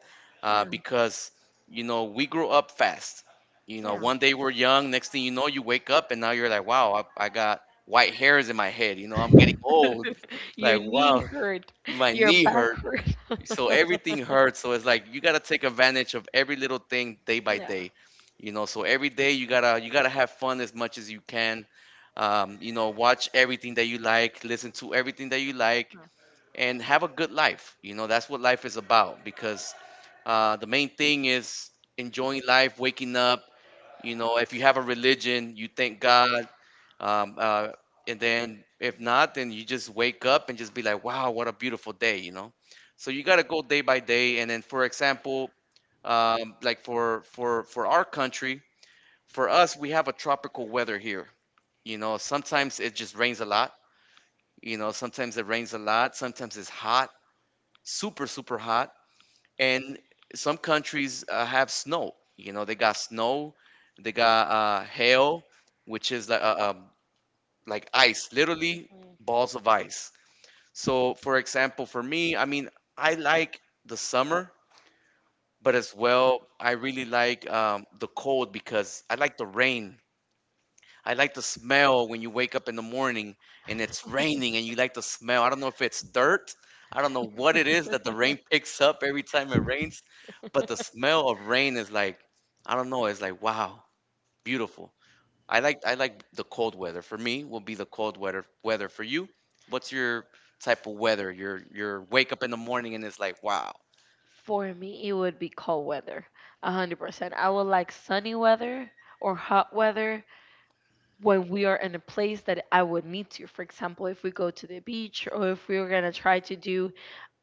B: Yeah.
A: because you know we grew up fast. You know,
B: Yeah.
A: one day we're young. Next thing you know, you wake up and now you're like, wow, I got white hairs in my head. You know, I'm getting old.
B: Your
A: Like,
B: knee
A: wow,
B: hurt.
A: my
B: Your
A: knee
B: back
A: hurt.
B: hurt.
A: So everything hurts, so it's like you gotta take advantage of every little thing day by
B: Yeah.
A: day, you know. So every day you gotta have fun as much as you can. You know, watch everything that you like, listen to everything that you like,
B: No.
A: and have a good life, you know. That's what life is about, because the main thing is enjoying life, waking up. You know, if you have a religion, you thank God. um, uh, and then if not, then you just wake up and just be like, wow, what a beautiful day, you know? So you got to go day by day. And then, for example, like for our country, for us, we have a tropical weather here. You know, sometimes it just rains a lot. You know, sometimes it rains a lot. Sometimes it's hot, super hot. And some countries have snow. You know, they got snow, they got hail, which is like like ice, literally
B: Mm.
A: balls of ice. So, for example, for me, I mean, I like the summer, but as well, I really like the cold because I like the rain. I like the smell when you wake up in the morning and it's raining and you like the smell. I don't know if it's dirt. I don't know what it is that the rain picks up every time it rains, but the smell of rain is like, I don't know, it's like, wow, beautiful. I like the cold weather. For me, will be the cold weather. Weather for you, what's your type of weather? Your wake up in the morning and it's like, wow,
B: For me, it would be cold weather, 100%. I would like sunny weather or hot weather when we are in a place that I would need to. For example, if we go to the beach or if we are going to try to do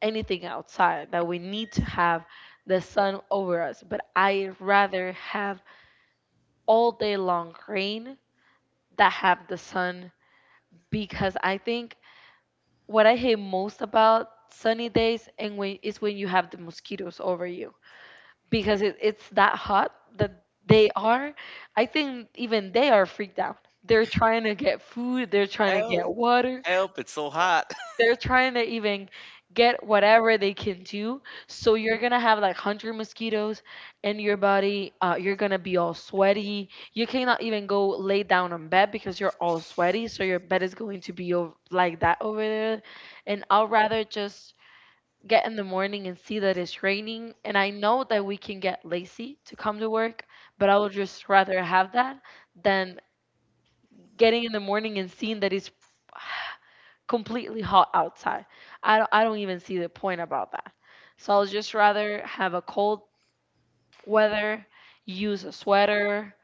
B: anything outside, that we need to have the sun over us. But I rather have all day long rain than have the sun, because I think what I hate most about sunny days and when is when you have the mosquitoes over you, because it's that hot that they are. I think even they are freaked out. They're trying to get food, they're trying to
A: help,
B: get water.
A: help! It's so hot.
B: They're trying to even get whatever they can do. So you're gonna have like 100 mosquitoes in your body. You're gonna be all sweaty. You cannot even go lay down on bed because you're all sweaty. So your bed is going to be over, like that over there. And I'll rather just get in the morning and see that it's raining. And I know that we can get lazy to come to work, but I would just rather have that than getting in the morning and seeing that it's completely hot outside. I don't even see the point about that. So I'll just rather have a cold weather, use a sweater,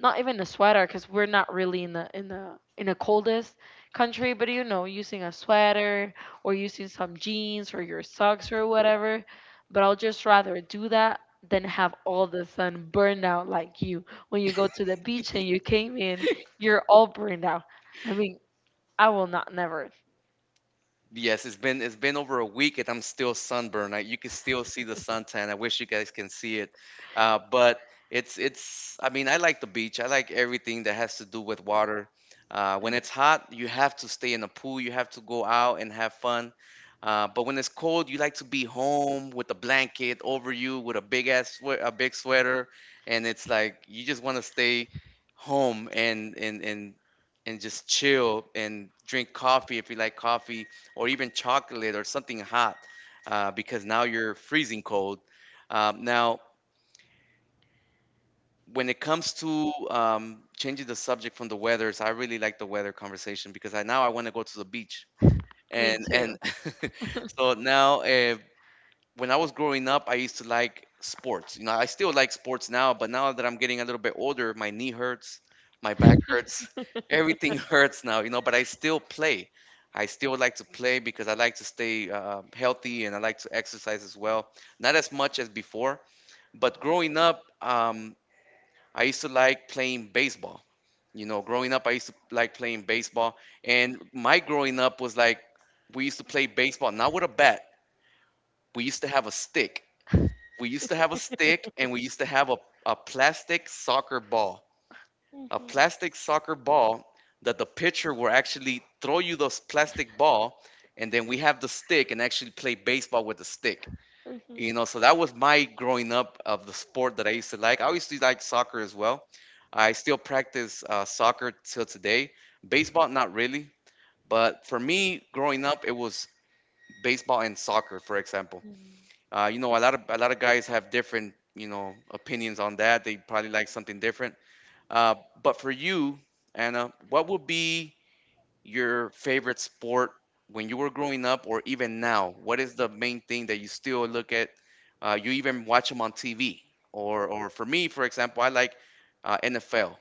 B: not even a sweater because we're not really in the in the in the coldest country, but you know, using a sweater or using some jeans or your socks or whatever. But I'll just rather do that than have all the sun burned out like you when you go to the beach and you came in, you're all burned out. I mean, I will not never.
A: Yes, it's been over a week and I'm still sunburned. I, you can still see the suntan. I wish you guys can see it. But it's I mean, I like the beach. I like everything that has to do with water. When it's hot, you have to stay in the pool. You have to go out and have fun. But when it's cold, you like to be home with a blanket over you, with a big ass a big sweater, and it's like you just want to stay home and just chill and drink coffee if you like coffee or even chocolate or something hot because now you're freezing cold. Now, when it comes to changing the subject from the weather, so I really like the weather conversation because I now I want to go to the beach
B: Me
A: and
B: too.
A: so now when I was growing up, I used to like sports. You know, I still like sports now, but now that I'm getting a little bit older, my knee hurts, my back hurts, everything hurts now, you know, but I still play. I still like to play because I like to stay healthy and I like to exercise as well. Not as much as before, but growing up, I used to like playing baseball. You know, growing up, I used to like playing baseball. And my growing up was like, we used to play baseball, not with a bat, we used to have a stick we used to have a stick and we used to have a plastic soccer ball. A plastic soccer ball that the pitcher will actually throw you this plastic ball and then we have the stick and actually play baseball with the stick. You know, so that was my growing up of the sport that I used to like. I used to like soccer as well. I still practice soccer till today. Baseball, not really. But for me, growing up, it was baseball and soccer, for example.
B: Mm-hmm.
A: You know, a lot of guys have different, you know, opinions on that. They probably like something different. Uh, but for you, Anna, what would be your favorite sport when you were growing up, or even now? What is the main thing that you still look at? You even watch them on TV, or for me, for example, I like NFL.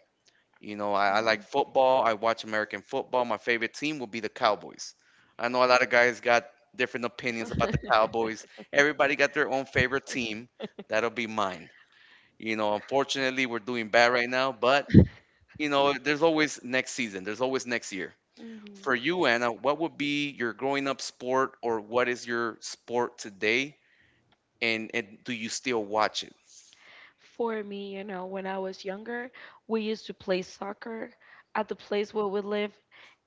A: You know, I like football. I watch American football. My favorite team will be the Cowboys. I know a lot of guys got different opinions about the Cowboys. Everybody got their own favorite team. That'll be mine. You know, unfortunately, we're doing bad right now, but, you know, there's always next season, there's always next year.
B: Hmm.
A: For you, Anna, what would be your growing up sport or what is your sport today? And do you still watch
B: For me, you know, when I was younger, we used to play soccer at the place where we live,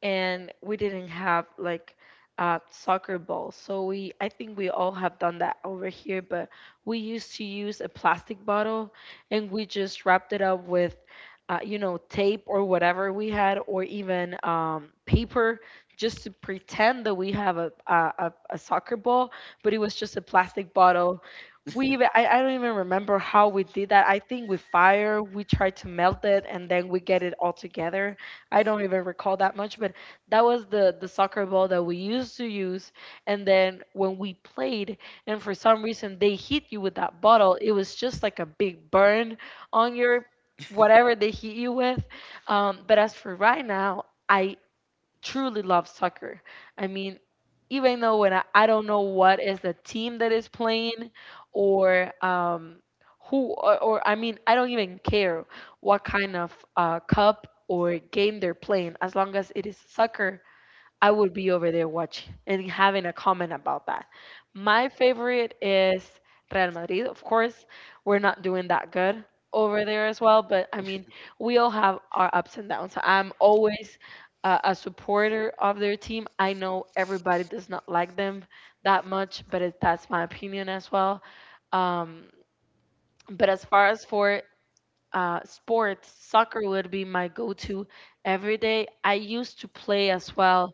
B: and we didn't have like soccer balls. So we, I think we all have done that over here, but we used to use a plastic bottle, and we just wrapped it up with. You know, tape or whatever we had, or even paper, just to pretend that we have a soccer ball, but it was just a plastic bottle. We
A: it?
B: even I don't even remember how we did that. I think with fire we tried to melt it and then we get it all together. I don't even recall that much, but that was the soccer ball that we used to use. And then when we played and for some reason they hit you with that bottle, it was just like a big burn on your whatever they hit you with. But as for right now, I truly love soccer. I mean, even though when I don't know what is the team that is playing or I mean, I don't even care what kind of cup or game they're playing as long as it is soccer I would be over there watching and having a comment about that. My favorite is Real Madrid. Of course, we're not doing that good over there as well, but I mean, we all have our ups and downs. I'm always a supporter of their team. I know everybody does not like them that much, but it, that's my opinion as well. Um, but as far as for sports, soccer would be my go-to every day. I used to play as well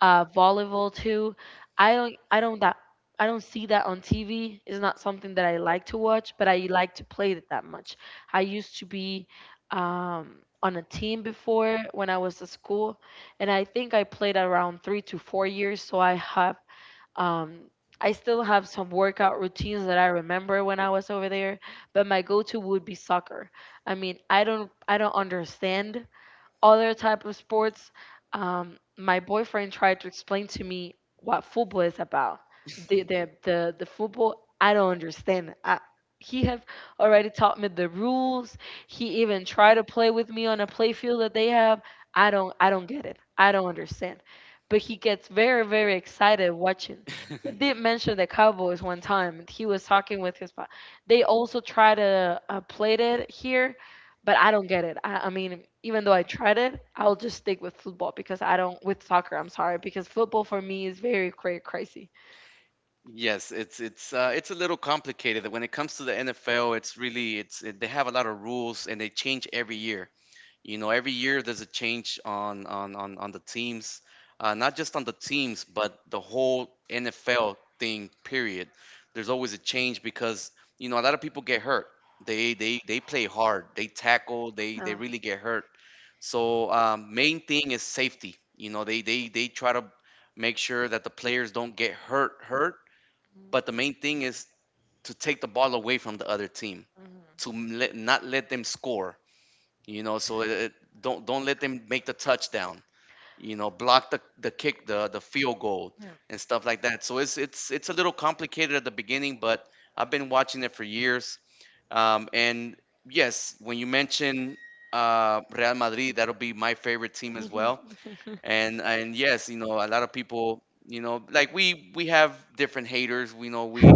B: volleyball too. I don't, I don't that, I don't see that on TV. It's not something that I like to watch, but I like to play it that much. I used to be on a team before when I was at school, and I think I played around 3 to 4 years. So I have um, I still have some workout routines that I remember when I was over there, but my go-to would be soccer. I mean, I don't understand other type of sports. My boyfriend tried to explain to me what football is about. The football I don't understand. He have already taught me the rules. He even tried to play with me on a play field that they have. I don't get it. I don't understand. But he gets very very excited watching. He did mention the Cowboys one time. He was talking with his. They also try to play it here but I don't get it. I mean, even though I tried it, I'll just stick with football because I don't with soccer. I'm sorry because football for me is very crazy.
A: Yes, it's a little complicated. When it comes to the NFL, it's really they have a lot of rules and they change every year. You know, every year there's a change on the teams, not just on the teams, but the whole NFL thing. Period. There's always a change because you know a lot of people get hurt. They play hard. They tackle. They
B: Uh,
A: they really get hurt. So main thing is safety. You know, they try to make sure that the players don't get hurt, but the main thing
B: mhm,
A: is to take the ball away from the other team, to let, not let them score. You know, so don't let them make the touchdown. You know, block the kick, the field goal, and stuff like that. So it's a little complicated at the beginning, but I've been watching it for years. And yes, when you mention Real Madrid, that'll be my favorite team
B: yeah.
A: as well,
B: Mhm.
A: and yes, you know, a lot of people, you know, like we have different haters, we know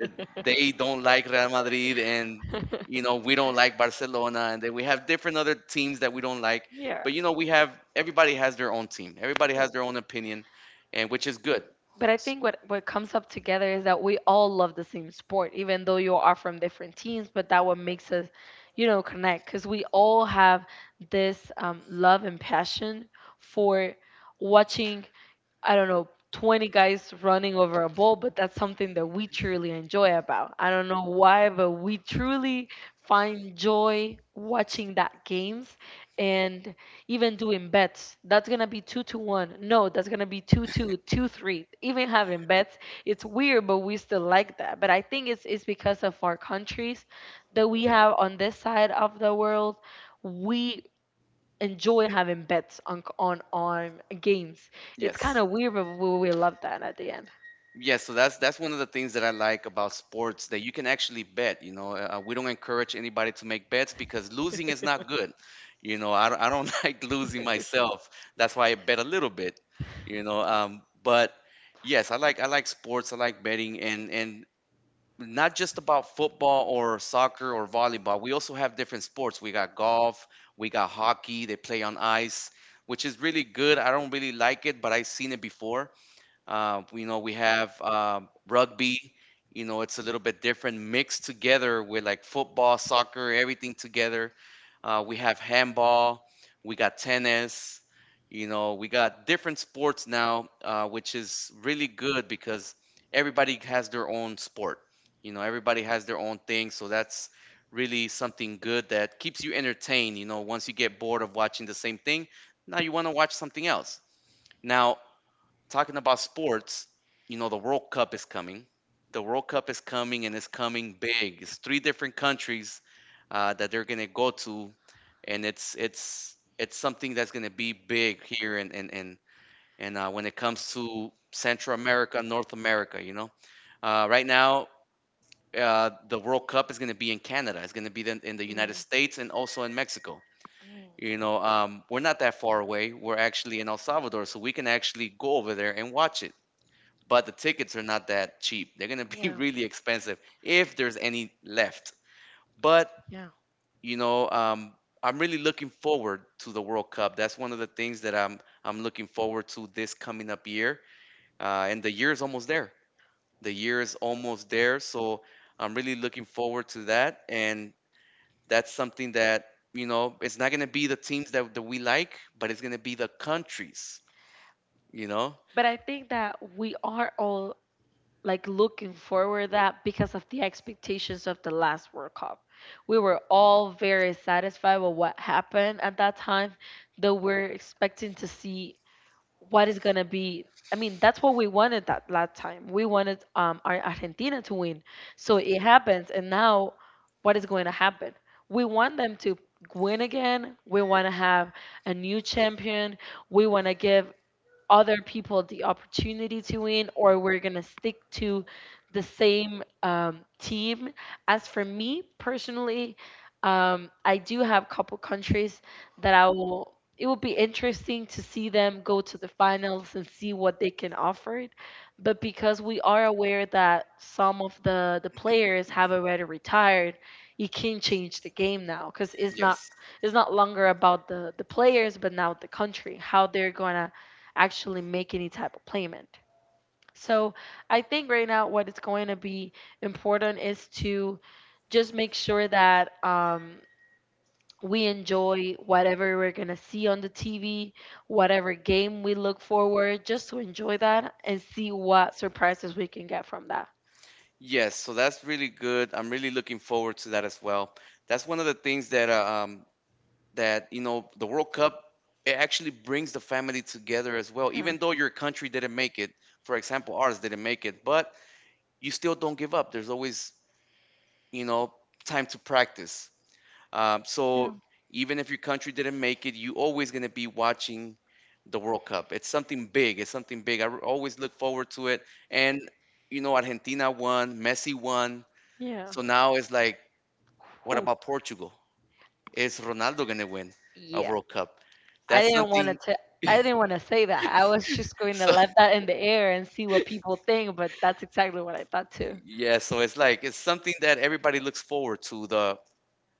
A: eh, they don't like Real Madrid, and you know we don't like Barcelona, and then we have different other teams that we don't like.
B: Yeah.
A: But you know we have, everybody has their own team, everybody
B: Yeah.
A: has their own opinion, and which is good.
B: But I think what comes up together is that we all love the same sport, even though you are from different teams. But that what makes us, you know, connect because we all have this love and passion for watching I don't know, 20 guys running over a ball, but that's something that we truly enjoy about. I don't know why, but we truly find joy watching that games and even doing bets. That's going to be 2-1. No, that's going to be 2 2 2 3. Even having bets, it's weird, but we still like that. But I think it's because of our countries that we have on this side of the world. We enjoy having bets on c- on games. It's kind
A: Yes.
B: of weird, but we love that at the end.
A: Yeah, so that's one of the things that I like about sports, that you can actually bet. You know, we don't encourage anybody to make bets because losing is not good. You know, I don't like losing myself. That's why I bet a little bit. You know, but yes, I like sports. I like betting, and not just about football or soccer or volleyball. We also have different sports. We got golf. We got hockey. They play on ice, which is really good. I don't really like it, but I've seen it before. You know, we have rugby. You know, it's a little bit different, mixed together with like football, soccer, everything together. We have handball. We got tennis. You know, we got different sports now, which is really good because everybody has their own sport. You know, everybody has their own thing, so that's really something good that keeps you entertained. You know, once you get bored of watching the same thing, now you want to watch something else. Now, talking about sports, you know, the World Cup is coming. The World Cup is coming and it's coming big. It's three different countries that they're gonna go to, and it's something that's gonna be big here, and when it comes to Central America, North America, you know, right now the World Cup is gonna be in Canada. It's gonna be then in the
B: Mm.
A: United States and also in Mexico.
B: Mm.
A: You know, we're not that far away. We're actually in El Salvador, so we can actually go over there and watch it, but the tickets are not that cheap. They're gonna be
B: Yeah.
A: really expensive if there's any left. But
B: Yeah.
A: you know, I'm really looking forward to the World Cup. That's one of the things that I'm looking forward to this coming up year. And the year is almost there. The year is almost there, so I'm really looking forward to that. And that's something that, you know, it's not gonna be the teams that, we like, but it's gonna be the countries. You know?
B: But I think that we are all like looking forward that because of the expectations of the last World Cup. We were all very satisfied with what happened at that time, though we're expecting to see what is gonna be. I mean, that's what we wanted that last time. We wanted our Argentina to win, so it happens. And now, what is going to happen? We want them to win again. We want to have a new champion. We want to give other people the opportunity to win or we're going to stick to the same team. As for me personally, I do have a couple countries that I will. It will be interesting to see them go to the finals and see what they can offer. But because we are aware that some of the players have already retired, it can change the game now because
A: Yes.
B: it's not longer about the players, but now the country, how they're gonna actually make any type of payment. So I think right now what it's going to be important is to just make sure that we enjoy whatever we're going to see on the TV, whatever game we look forward, just to enjoy that and see what surprises we can get from that.
A: Yes, so that's really good. I'm really looking forward to that as well. That's one of the things that that you know the World Cup, it actually brings the family together as well.
B: Yeah.
A: Even though your country didn't make it, for example, ours didn't make it, but you still don't give up. There's always, you know, time to practice. So even if your country didn't make it, you always gonna be watching the World Cup. It's something big. It's something big. I always look forward to it. And you know, Argentina won, Messi won,
B: Yeah.
A: so now it's like, what
B: Whew.
A: about Portugal? Is Ronaldo going to win a
B: Yeah.
A: World Cup?
B: I
A: That's
B: didn't want to
A: something.
B: tell. I didn't want to say that. I was just going to
A: So
B: let that in the air and see what people think, but that's exactly what I thought too.
A: yeah, so it's like it's something that everybody looks forward to,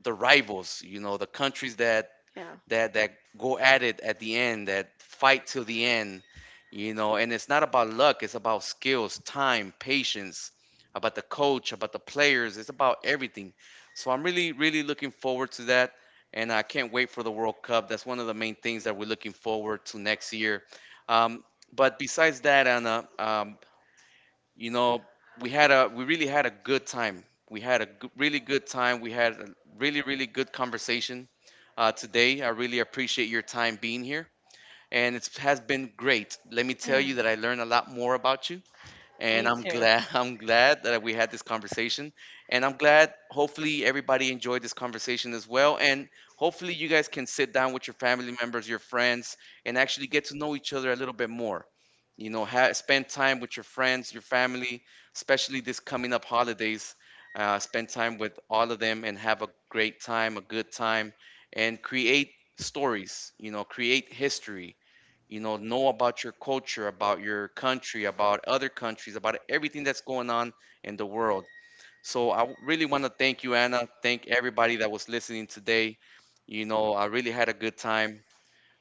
A: the rivals, you know, the countries that
B: Yeah.
A: that go at it at the end, that fight till the end, you know. And it's not about luck; it's about skills, time, patience, about the coach, about the players. It's about everything. So I'm really, really looking forward to that, and I can't wait for the World Cup. That's one of the main things that we're looking forward to next year. Um, but besides that, Anna, you know, we really had a good time, we had a g- really good time, we had a really, really good conversation today. I really appreciate your time being here, and it has been great. Let me tell you that I learned a lot more about you, and I'm glad, I'm glad that we had this conversation, and I'm glad hopefully everybody enjoyed this conversation as well. And hopefully you guys can sit down with your family members, your friends and actually get to know each other a little bit more. You know, spend time with your friends, your family, especially this coming up holidays. Spend time with all of them and have a great time, a good time, and create stories, you know, create history. You know about your culture, about your country, about other countries, about everything that's going on in the world. So really want to thank you, Anna, thank everybody that was listening today. You know, I really had a good time.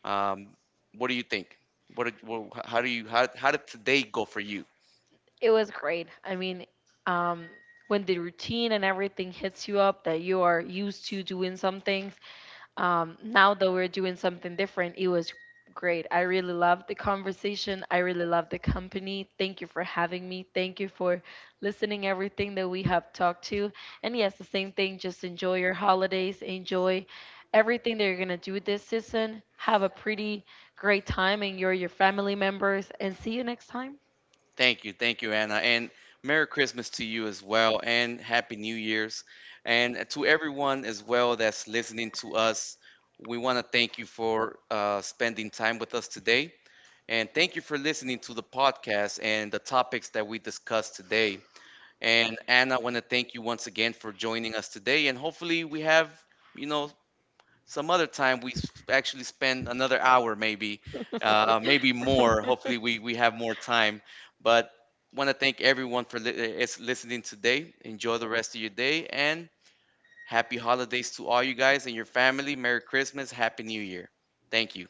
A: um, what do you think? What, did- wha- how do you How did today go for you?
B: It was great. I mean, um, when the routine and everything hits you up that you are used to doing something, now that we're doing something different, it was great. I really loved the conversation. I really loved the company. Thank you for having me. Thank you for listening everything that we have talked to. And yes, the same thing. Just enjoy your holidays. Enjoy everything that you're gonna do this season. Have a pretty great time. Enjoy your family members, and see you next time.
A: Thank you, thank you, Anna, and Merry Christmas to you as well and Happy New Year's, and to everyone as well that's listening to us, we want to thank you for spending time with us today. And thank you for listening to the podcast and the topics that we discussed today. And Anna, I want to thank you once again for joining us today. And hopefully, we have, you know, some other time actually spend another hour, maybe, maybe more. Hopefully, we have more time. But want to thank everyone for is listening today. Enjoy the rest of your day and happy holidays to all you guys and your family. Merry Christmas. Happy New Year. Thank you.